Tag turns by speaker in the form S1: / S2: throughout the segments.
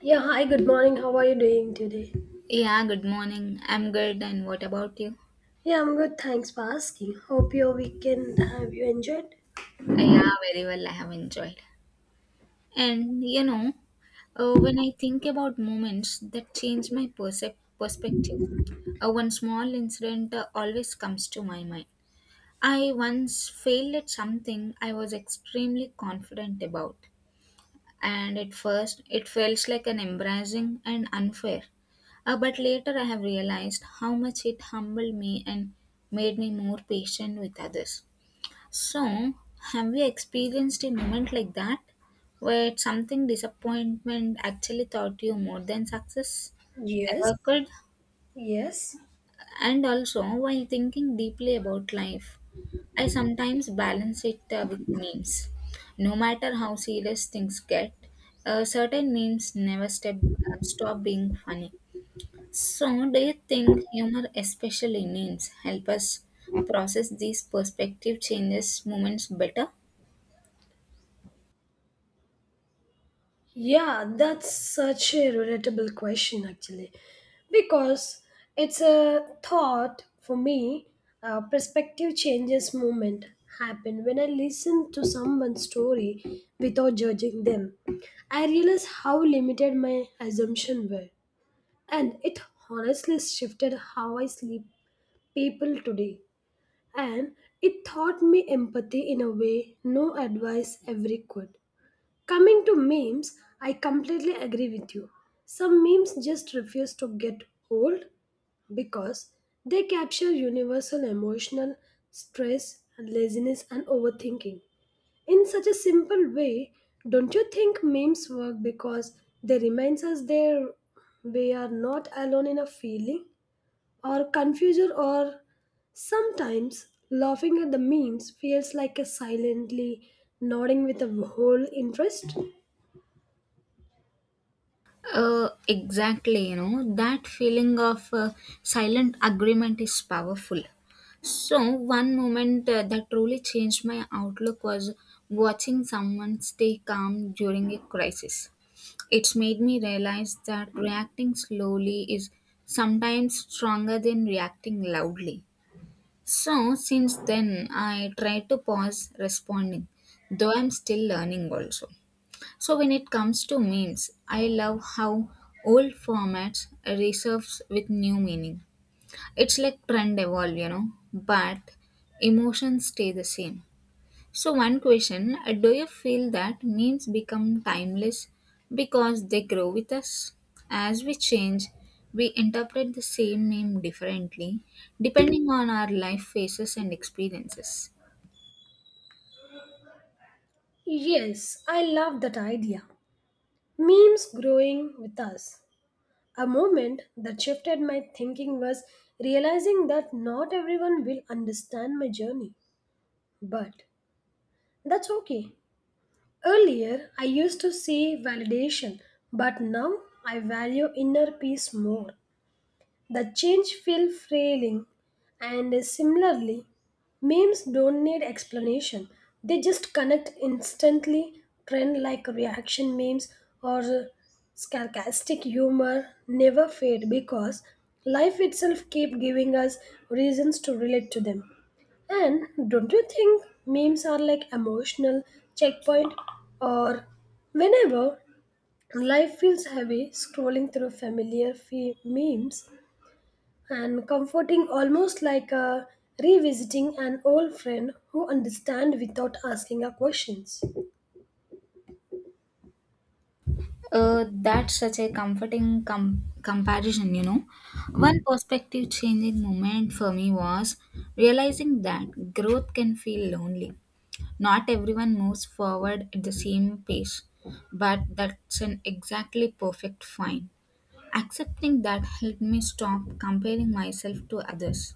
S1: Yeah, hi, good morning. How are you doing today?
S2: Yeah, good morning. I'm good. And what about you?
S1: Yeah, I'm good. Thanks for asking. Hope your weekend have you enjoyed?
S2: Yeah, very well. I have enjoyed. And you know, when I think about moments that change my perspective, one small incident always comes to my mind. I once failed at something I was extremely confident about, and at first it felt like an embarrassing and unfair. But later I have realized how much it humbled me and made me more patient with others. So, have you experienced a moment like that where something disappointment actually taught you more than success
S1: Yes.
S2: ever could?
S1: Yes.
S2: And also, while thinking deeply about life, I sometimes balance it with memes. No matter how serious things get, uh, certain memes never stop being funny. So, do you think humor, especially memes, help us process these perspective changes moments better?
S1: Yeah, that's such a relatable question actually. Because it's a thought for me, perspective changes moment happen when I listen to someone's story without judging them. I realize how limited my assumption were and it honestly shifted how I sleep people today, and it taught me empathy in a way no advice ever could. Coming to memes, I completely agree with you. Some memes just refuse to get old because they capture universal emotional stress, laziness, and overthinking in such a simple way. Don't you think memes work because they reminds us there we are not alone in a feeling? Or confusion, or sometimes laughing at the memes feels like a silently nodding with a whole interest.
S2: Exactly, you know, that feeling of silent agreement is powerful. So, one moment that truly changed my outlook was watching someone stay calm during a crisis. It's made me realize that reacting slowly is sometimes stronger than reacting loudly. So, since then, I try to pause responding, though I'm still learning also. So when it comes to memes, I love how old formats resurface with new meaning. It's like trend evolve, you know, but emotions stay the same. So one question, do you feel that memes become timeless because they grow with us? As we change, we interpret the same meme differently depending on our life phases and experiences.
S1: Yes, I love that idea, memes growing with us. A moment that shifted my thinking was realizing that not everyone will understand my journey, but that's okay. Earlier, I used to see validation, but now I value inner peace more. The change feel frailing, and similarly memes don't need explanation. They just connect instantly trend like reaction memes or sarcastic humor never fade because life itself keep giving us reasons to relate to them. And don't you think memes are like emotional checkpoint, or whenever life feels heavy scrolling through familiar memes and comforting almost like a revisiting an old friend who understands without asking our questions.
S2: That's such a comforting comparison, you know. One perspective changing moment for me was realizing that growth can feel lonely. Not everyone moves forward at the same pace, but that's an exactly perfect fine. Accepting that helped me stop comparing myself to others.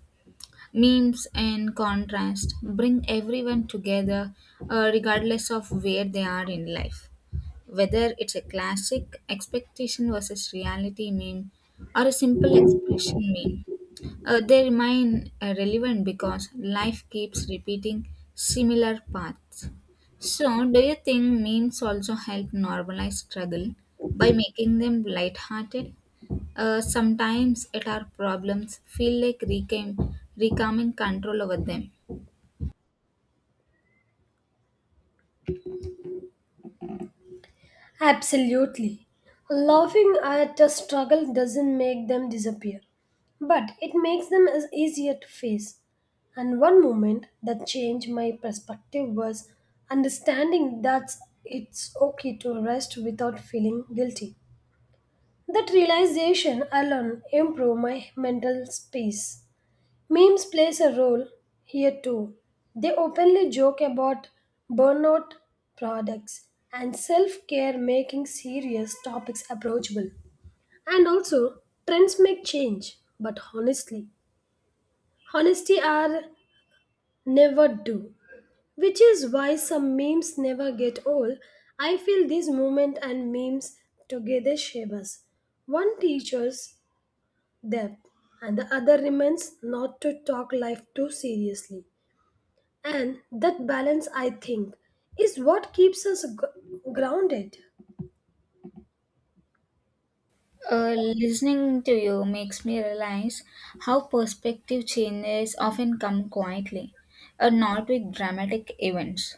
S2: Memes and contrast bring everyone together regardless of where they are in life. Whether it's a classic expectation versus reality meme or a simple expression meme, they remain relevant because life keeps repeating similar paths. So, do you think memes also help normalize struggle by making them lighthearted? Sometimes it our problems feel like reclaiming control over them.
S1: Absolutely. Laughing at a struggle doesn't make them disappear, but it makes them as easier to face. And one moment that changed my perspective was understanding that it's okay to rest without feeling guilty. That realization alone improved my mental space. Memes plays a role here too. They openly joke about burnout products and self-care making serious topics approachable. And also, trends may change, but honestly, honesty are never do. Which is why some memes never get old. I feel this movement and memes together shape us. One teaches depth and the other remains not to talk life too seriously. And that balance, I think, is what keeps us grounded.
S2: Uh, Listening to you makes me realize how perspective changes often come quietly, or not with dramatic events.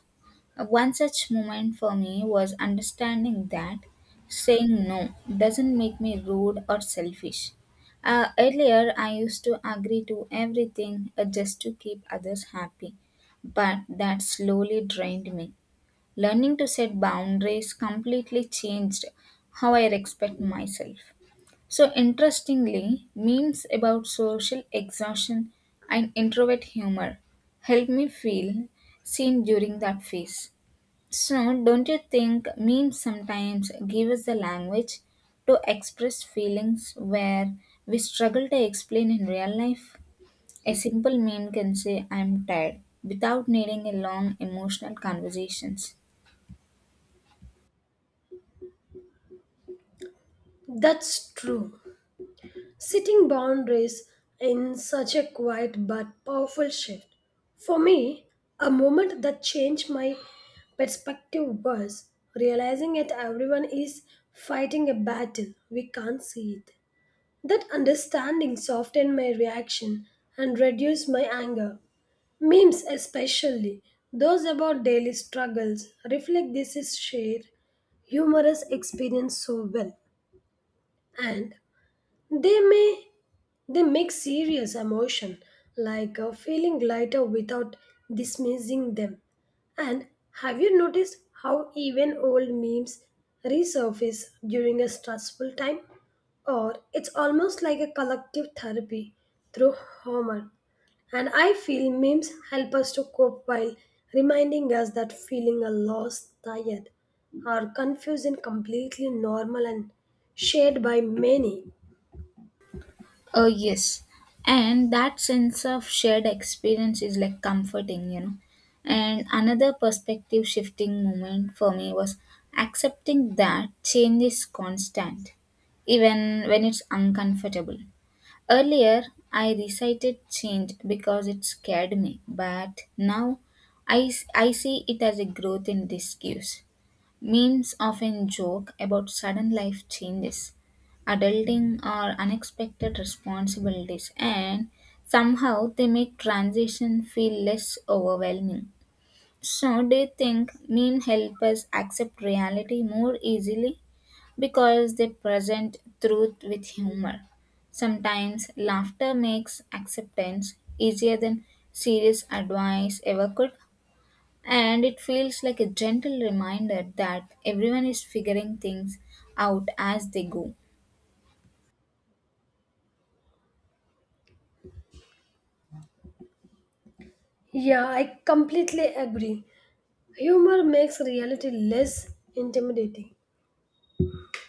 S2: One such moment for me was understanding that saying no doesn't make me rude or selfish. Earlier, I used to agree to everything just to keep others happy, but that slowly drained me. Learning to set boundaries completely changed how I respect myself. So, interestingly, memes about social exhaustion and introvert humor helped me feel seen during that phase. So, don't you think memes sometimes give us the language to express feelings where we struggle to explain in real life? A simple meme can say, I'm tired, without needing a long emotional conversations.
S1: That's true. Setting boundaries in such a quiet but powerful shift. For me, a moment that changed my perspective was realizing that everyone is fighting a battle. We can't see it. That understanding softened my reaction and reduced my anger. Memes, especially those about daily struggles, reflect this is shared humorous experience so well, and they may they make serious emotion like feeling lighter without dismissing them. And have you noticed how even old memes resurface during a stressful time? Or it's almost like a collective therapy through humor. And I feel memes help us to cope while reminding us that feeling a lost, tired, or confused is completely normal and shared by many.
S2: Oh, yes. And that sense of shared experience is like comforting, you know. And another perspective shifting moment for me was accepting that change is constant, even when it's uncomfortable. Earlier, I recited change because it scared me, but now I see it as a growth in disguise. Memes often joke about sudden life changes, adulting, or unexpected responsibilities, and somehow they make transition feel less overwhelming. So, do you think memes help us accept reality more easily because they present truth with humor? Sometimes laughter makes acceptance easier than serious advice ever could. And it feels like a gentle reminder that everyone is figuring things out as they go.
S1: Yeah, I completely agree. Humor makes reality less intimidating.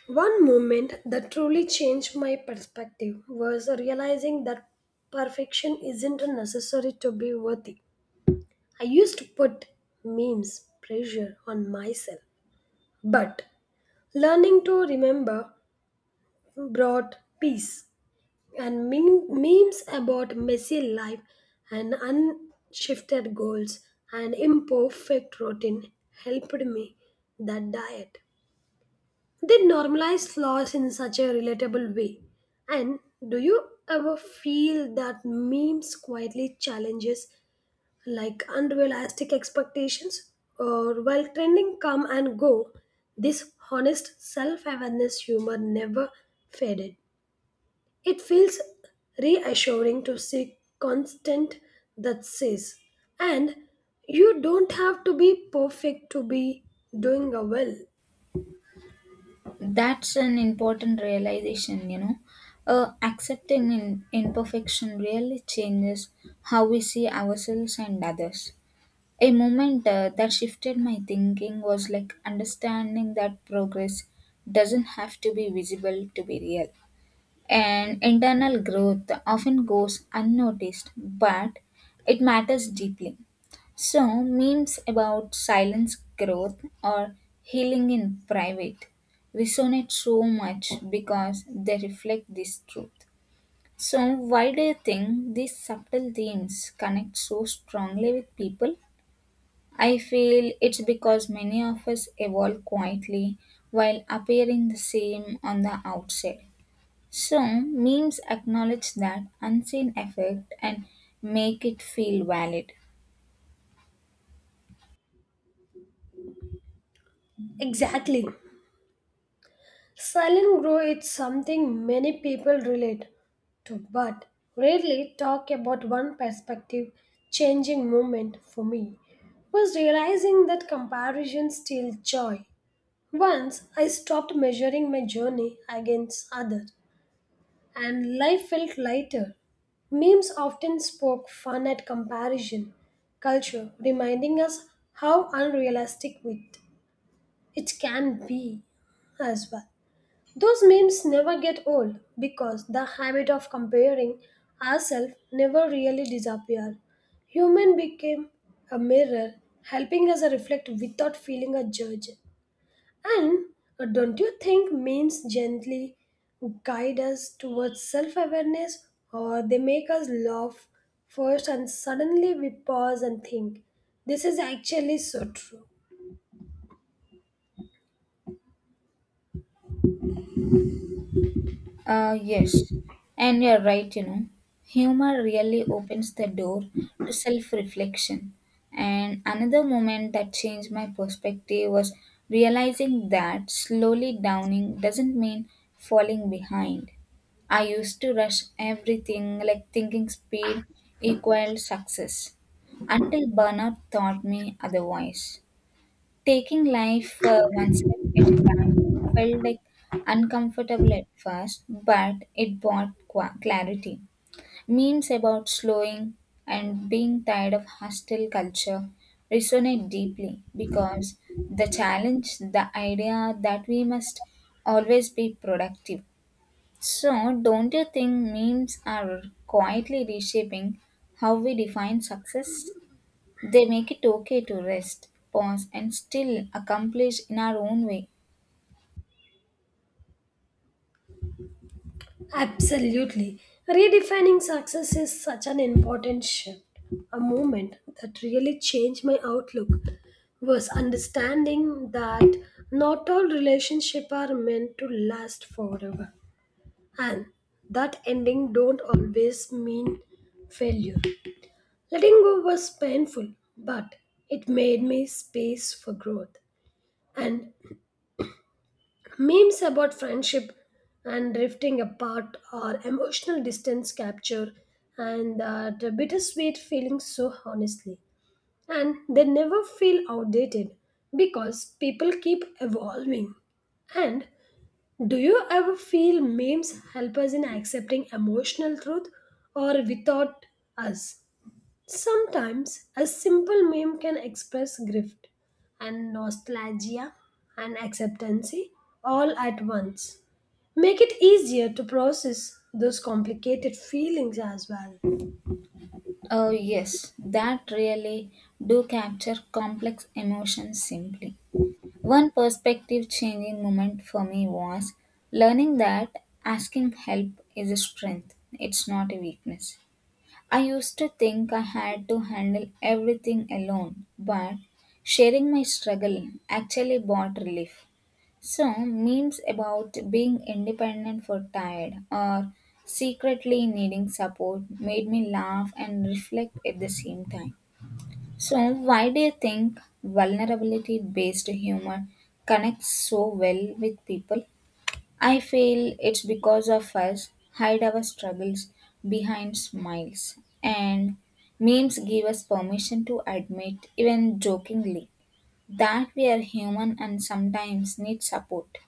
S1: One moment that truly changed my perspective was realizing that perfection isn't necessary to be worthy. I used to put memes pressure on myself, but learning to remember brought peace. And memes about messy life and unshifted goals and imperfect routine helped me that diet. They normalize flaws in such a relatable way. And do you ever feel that memes quietly challenges like unrealistic expectations, or while trending come and go, this honest self-awareness humor never faded. It feels reassuring to see constant that says, and you don't have to be perfect to be doing a well.
S2: That's an important realization, you know. Accepting imperfection really changes how we see ourselves and others. A moment that shifted my thinking was like understanding that progress doesn't have to be visible to be real. And internal growth often goes unnoticed, but it matters deeply. So, memes about silence growth or healing in private resonate so much because they reflect this truth. So, why do you think these subtle themes connect so strongly with people? I feel it's because many of us evolve quietly while appearing the same on the outside. So, memes acknowledge that unseen effect and make it feel valid.
S1: Exactly. Silent growth is something many people relate to, but rarely talk about. One perspective changing moment for me was realizing that comparison steals joy. Once I stopped measuring my journey against others, and life felt lighter. Memes often spoke fun at comparison culture, reminding us how unrealistic it can be as well. Those memes never get old because the habit of comparing ourselves never really disappear. Human became a mirror, helping us reflect without feeling a judge. And don't you think memes gently guide us towards self-awareness, or they make us laugh first and suddenly we pause and think this is actually so true.
S2: Yes, and you're right, you know. Humor really opens the door to self reflection. And another moment that changed my perspective was realizing that slowly downing doesn't mean falling behind. I used to rush everything, like thinking speed equaled success, until burnout taught me otherwise. Taking life one step at a time felt like uncomfortable at first, but it brought clarity. Memes about slowing and being tired of hostile culture resonate deeply because the challenge, the idea that we must always be productive. So, don't you think memes are quietly reshaping how we define success? They make it okay to rest, pause, and still accomplish in our own way.
S1: Absolutely. Redefining success is such an important shift. A moment that really changed my outlook was understanding that not all relationships are meant to last forever, and that ending don't always mean failure. Letting go was painful, but it made me space for growth, and memes about friendship and drifting apart or emotional distance capture and that bittersweet feeling so honestly. And they never feel outdated because people keep evolving. And do you ever feel memes help us in accepting emotional truth, or without us? Sometimes a simple meme can express grief and nostalgia and acceptance all at once. Make it easier to process those complicated feelings as well.
S2: Oh, yes, that really do capture complex emotions simply. One perspective changing moment for me was learning that asking help is a strength, it's not a weakness. I used to think I had to handle everything alone, but sharing my struggle actually brought relief. So, memes about being independent for tired or secretly needing support made me laugh and reflect at the same time. So, why do you think vulnerability based humor connects so well with people? I feel it's because of us hide our struggles behind smiles, and memes give us permission to admit, even jokingly, that we are human and sometimes need support.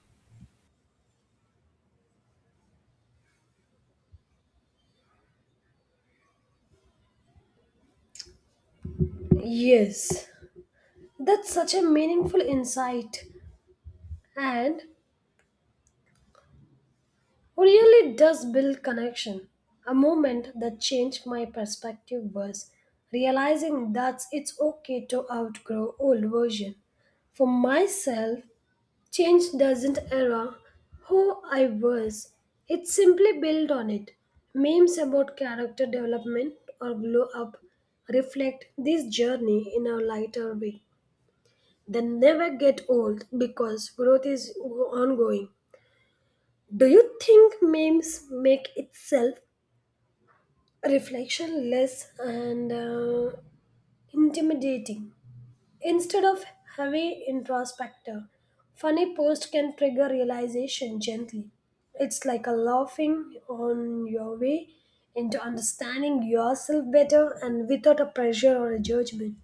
S1: Yes, that's such a meaningful insight and really does build connection. A moment that changed my perspective was realizing that it's okay to outgrow old version. For myself, change doesn't erase who I was. It simply builds on it. Memes about character development or glow up reflect this journey in a lighter way. They never get old because growth is ongoing. Do you think memes make itself reflection less and intimidating? Instead of heavy introspector, funny post can trigger realization gently. It's like a laughing on your way into understanding yourself better and without a pressure or a judgment.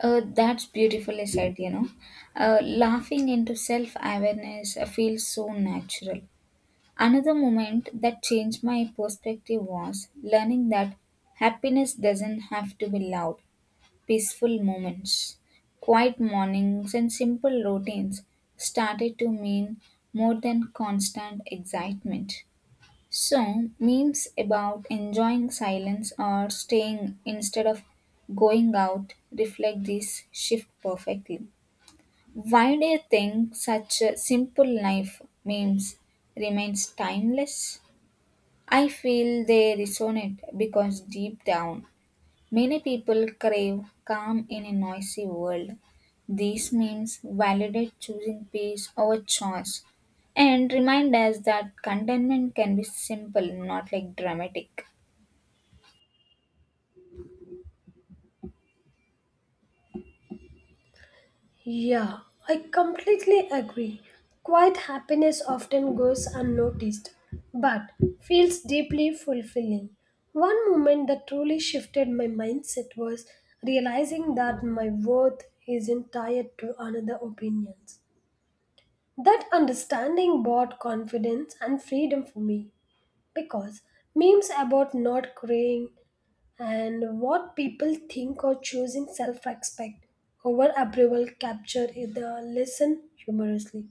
S2: That's beautifully said, you know. Laughing into self awareness feels so natural. Another moment that changed my perspective was learning that happiness doesn't have to be loud, peaceful moments. Quiet mornings and simple routines started to mean more than constant excitement. So, memes about enjoying silence or staying instead of going out reflect this shift perfectly. Why do you think such a simple life memes remains timeless? I feel they resonate because deep down many people crave calm in a noisy world. These memes validate choosing peace over choice and remind us that contentment can be simple, not like dramatic.
S1: Yeah, I completely agree. Quiet happiness often goes unnoticed, but feels deeply fulfilling. One moment that truly shifted my mindset was realizing that my worth isn't tied to another opinions. That understanding brought confidence and freedom for me because memes about not crying and what people think or choosing self-respect over approval capture the lesson humorously.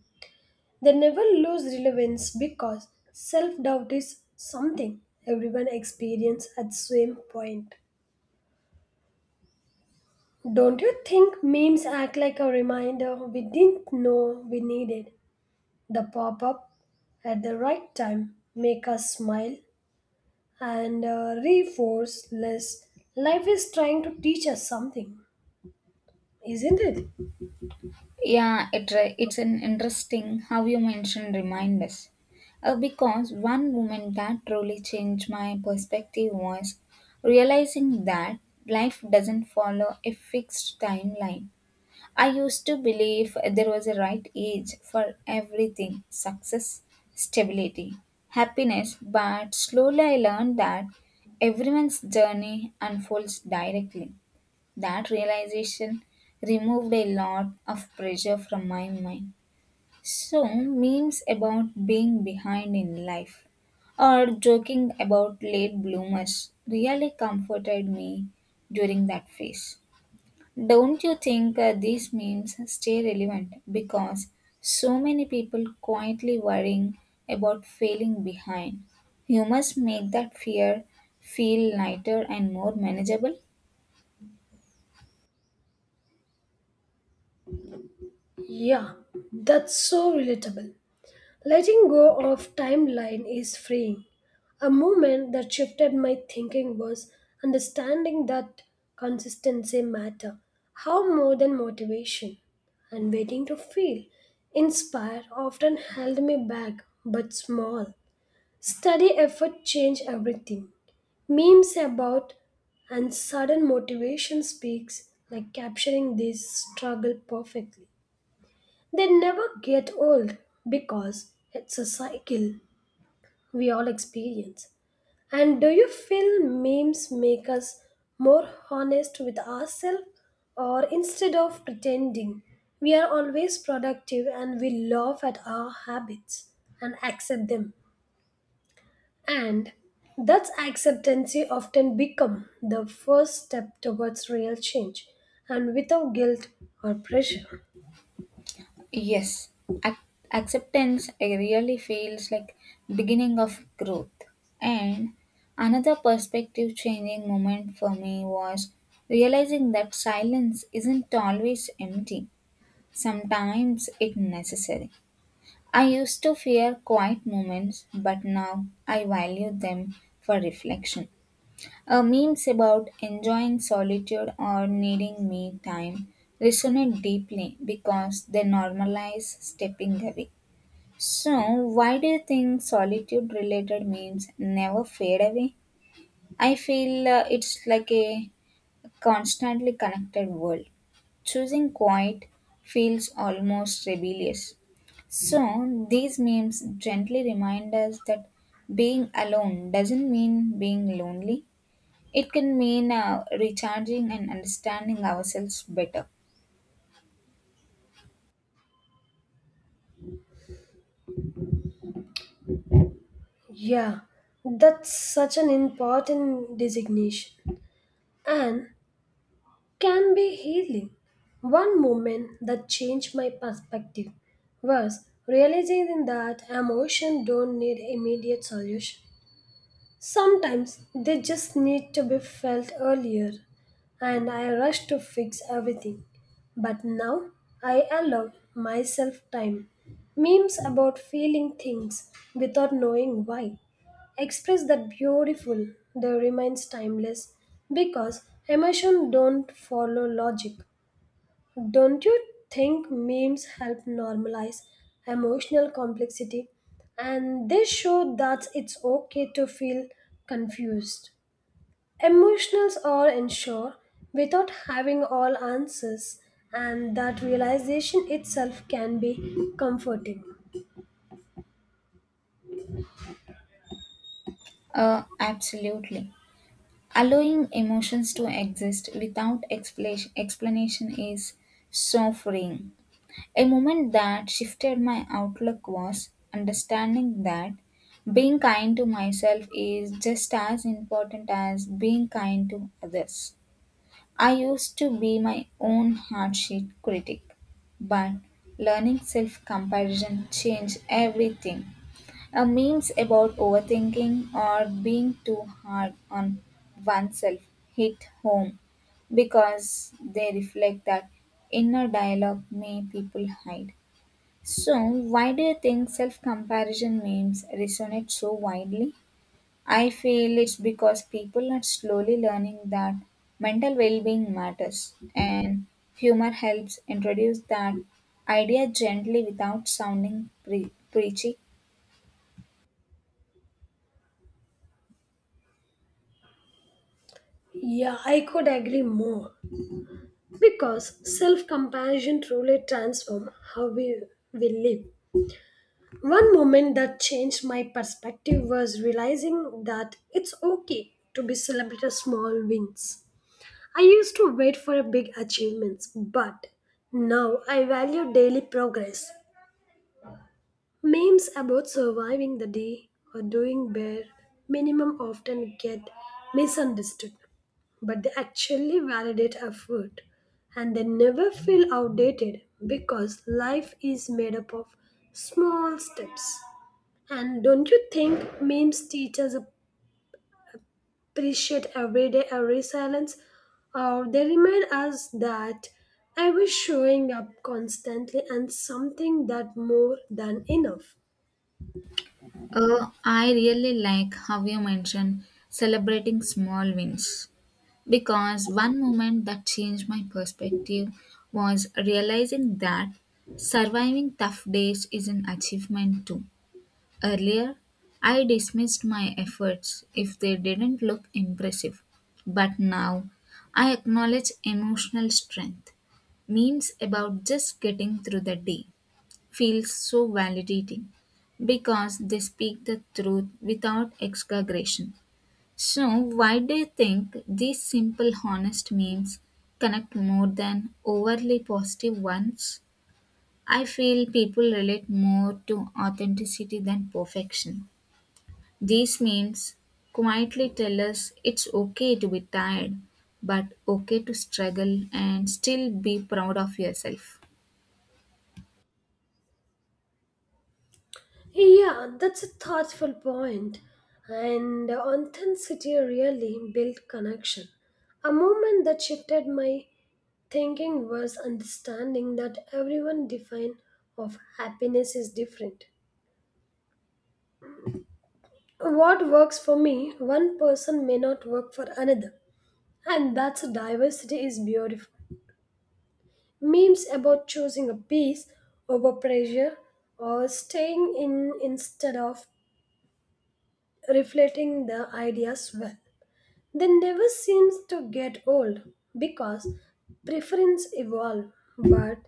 S1: They never lose relevance because self-doubt is something everyone experiences at same point. Don't you think memes act like a reminder we didn't know we needed? The pop-up at the right time make us smile and reinforce less. Life is trying to teach us something, isn't it?
S2: Yeah, it's an interesting how you mentioned reminders. Because one woman that truly changed my perspective was realizing that life doesn't follow a fixed timeline. I used to believe there was a right age for everything success, stability, happiness, but slowly I learned that everyone's journey unfolds directly. That realization removed a lot of pressure from my mind. So, memes about being behind in life or joking about late bloomers really comforted me during that phase. Don't you think these memes stay relevant because so many people quietly worrying about failing behind? You must make that fear feel lighter and more manageable.
S1: Yeah, that's so relatable. Letting go of timeline is freeing. A moment that shifted my thinking was understanding that consistency matter, how more than motivation, and waiting to feel. Inspire often held me back, but small. Study effort changed everything. Memes about and sudden motivation speaks like capturing this struggle perfectly. They never get old because it's a cycle we all experience. And do you feel memes make us more honest with ourselves, or instead of pretending we are always productive and we laugh at our habits and accept them? And that's acceptancy often become the first step towards real change, and without guilt or pressure.
S2: Yes, ac- acceptance really feels like beginning of growth. And another perspective changing moment for me was realizing that silence isn't always empty. Sometimes it's necessary. I used to fear quiet moments, but now I value them for reflection. Memes about enjoying solitude or needing me time resonate deeply because they normalize stepping away. So, why do you think solitude related memes never fade away? I feel it's like a constantly connected world. Choosing quiet feels almost rebellious. So, these memes gently remind us that being alone doesn't mean being lonely. It can mean recharging and understanding ourselves better.
S1: Yeah, that's such an important designation and can be healing. One moment that changed my perspective was realizing that emotions don't need immediate solution. Sometimes they just need to be felt earlier, and I rush to fix everything. But now I allow myself time. Memes about feeling things without knowing why express that beautiful, the remains timeless because emotion don't follow logic. Don't you think memes help normalize emotional complexity, and they show that it's okay to feel confused? Emotionals are unsure without having all answers, and that realization itself can be comforting.
S2: Absolutely. Allowing emotions to exist without explanation is so freeing. A moment that shifted my outlook was understanding that being kind to myself is just as important as being kind to others. I used to be my own hardship critic, but learning self comparison changed everything. A memes about overthinking or being too hard on oneself hit home because they reflect that inner dialogue many people hide. So, why do you think self comparison memes resonate so widely? I feel it's because people are slowly learning that mental well being matters, and humor helps introduce that idea gently without sounding preachy.
S1: Yeah, I could agree more because self compassion truly transforms how we live. One moment that changed my perspective was realizing that it's okay to be celebrate small wins. I used to wait for big achievements, but now I value daily progress. Memes about surviving the day or doing bare minimum often get misunderstood, but they actually validate effort, and they never feel outdated because life is made up of small steps. And don't you think memes teach us appreciate everyday every silence? Or they remind us that I was showing up constantly and something that more than enough.
S2: I really like how you mentioned celebrating small wins because one moment that changed my perspective was realizing that surviving tough days is an achievement too. Earlier, I dismissed my efforts if they didn't look impressive, but now I acknowledge emotional strength. Memes about just getting through the day feels so validating because they speak the truth without exaggeration. So, why do you think these simple, honest memes connect more than overly positive ones? I feel people relate more to authenticity than perfection. These memes quietly tell us it's okay to be tired, but okay to struggle and still be proud of yourself.
S1: Yeah, that's a thoughtful point. And authenticity really built connection. A moment that shifted my thinking was understanding that everyone define of happiness is different. What works for me, one person may not work for another, and that's diversity is beautiful. Memes about choosing a piece over pressure or staying in instead of reflecting the ideas well. They never seems to get old because preference evolve, but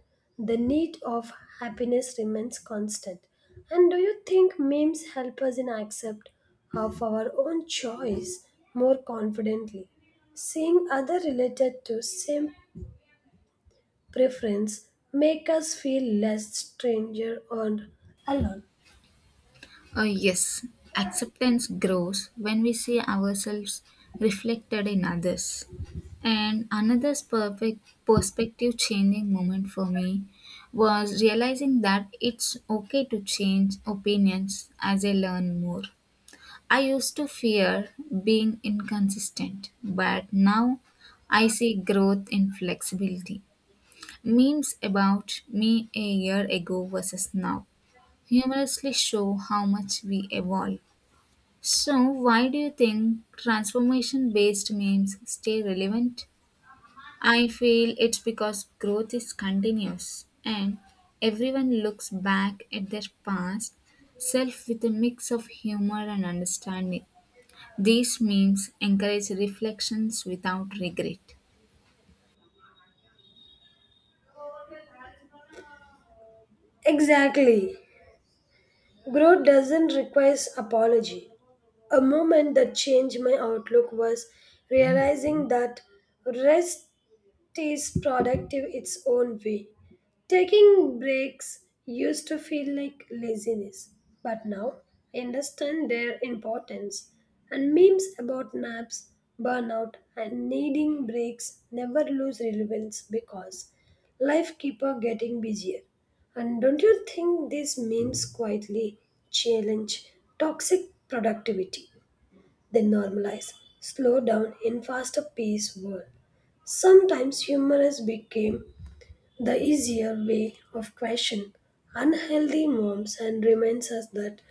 S1: the need of happiness remains constant. And do you think memes help us in accept of our own choice more confidently? Seeing other related to same preference make us feel less stranger or alone.
S2: Yes, acceptance grows when we see ourselves reflected in others. And another perfect perspective changing moment for me was realizing that it's okay to change opinions as I learn more. I used to fear being inconsistent, but now I see growth in flexibility. Memes about me a year ago versus now humorously show how much we evolve. So, why do you think transformation based memes stay relevant? I feel it's because growth is continuous and everyone looks back at their past self with a mix of humor and understanding. These memes encourage reflections without regret.
S1: Exactly. Growth doesn't require apology. A moment that changed my outlook was realizing that rest is productive its own way. Taking breaks used to feel like laziness, but now I understand their importance. And memes about naps, burnout, and needing breaks never lose relevance because life keep on getting busier. And don't you think these memes quietly challenge toxic productivity? They normalize, slow down in faster paced world. Sometimes humor has become the easier way of question unhealthy norms and reminds us that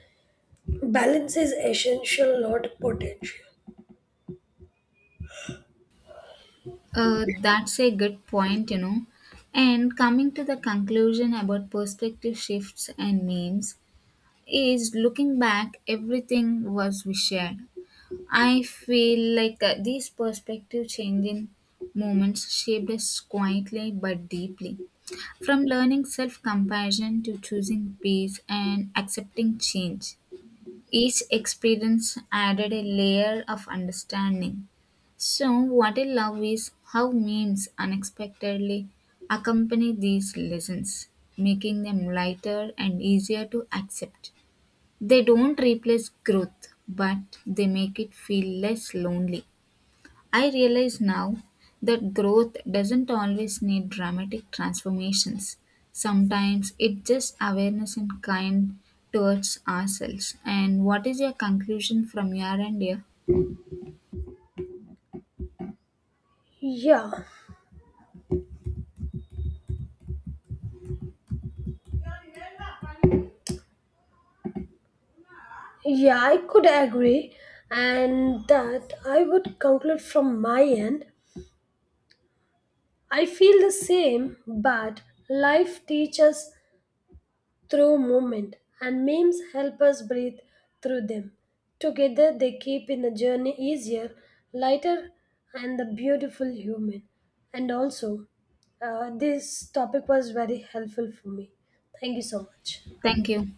S1: balance is essential, not potential.
S2: That's a good point, you know. And coming to the conclusion about perspective shifts and memes is looking back, everything was we shared. I feel like these perspective changing moments shaped us quietly but deeply. From learning self compassion to choosing peace and accepting change. Each experience added a layer of understanding. So, what I love is how memes unexpectedly accompany these lessons, making them lighter and easier to accept. They don't replace growth, but they make it feel less lonely. I realize now that growth doesn't always need dramatic transformations. Sometimes it's just awareness and kind towards ourselves. And what is your conclusion from your end here?
S1: Yeah, yeah, I could agree, and that I would conclude from my end. I feel the same, but life teaches through movement, and memes help us breathe through them. Together, they keep in the journey easier, lighter, and the beautiful human. And also, this topic was very helpful for me. Thank you so much.
S2: Thank you.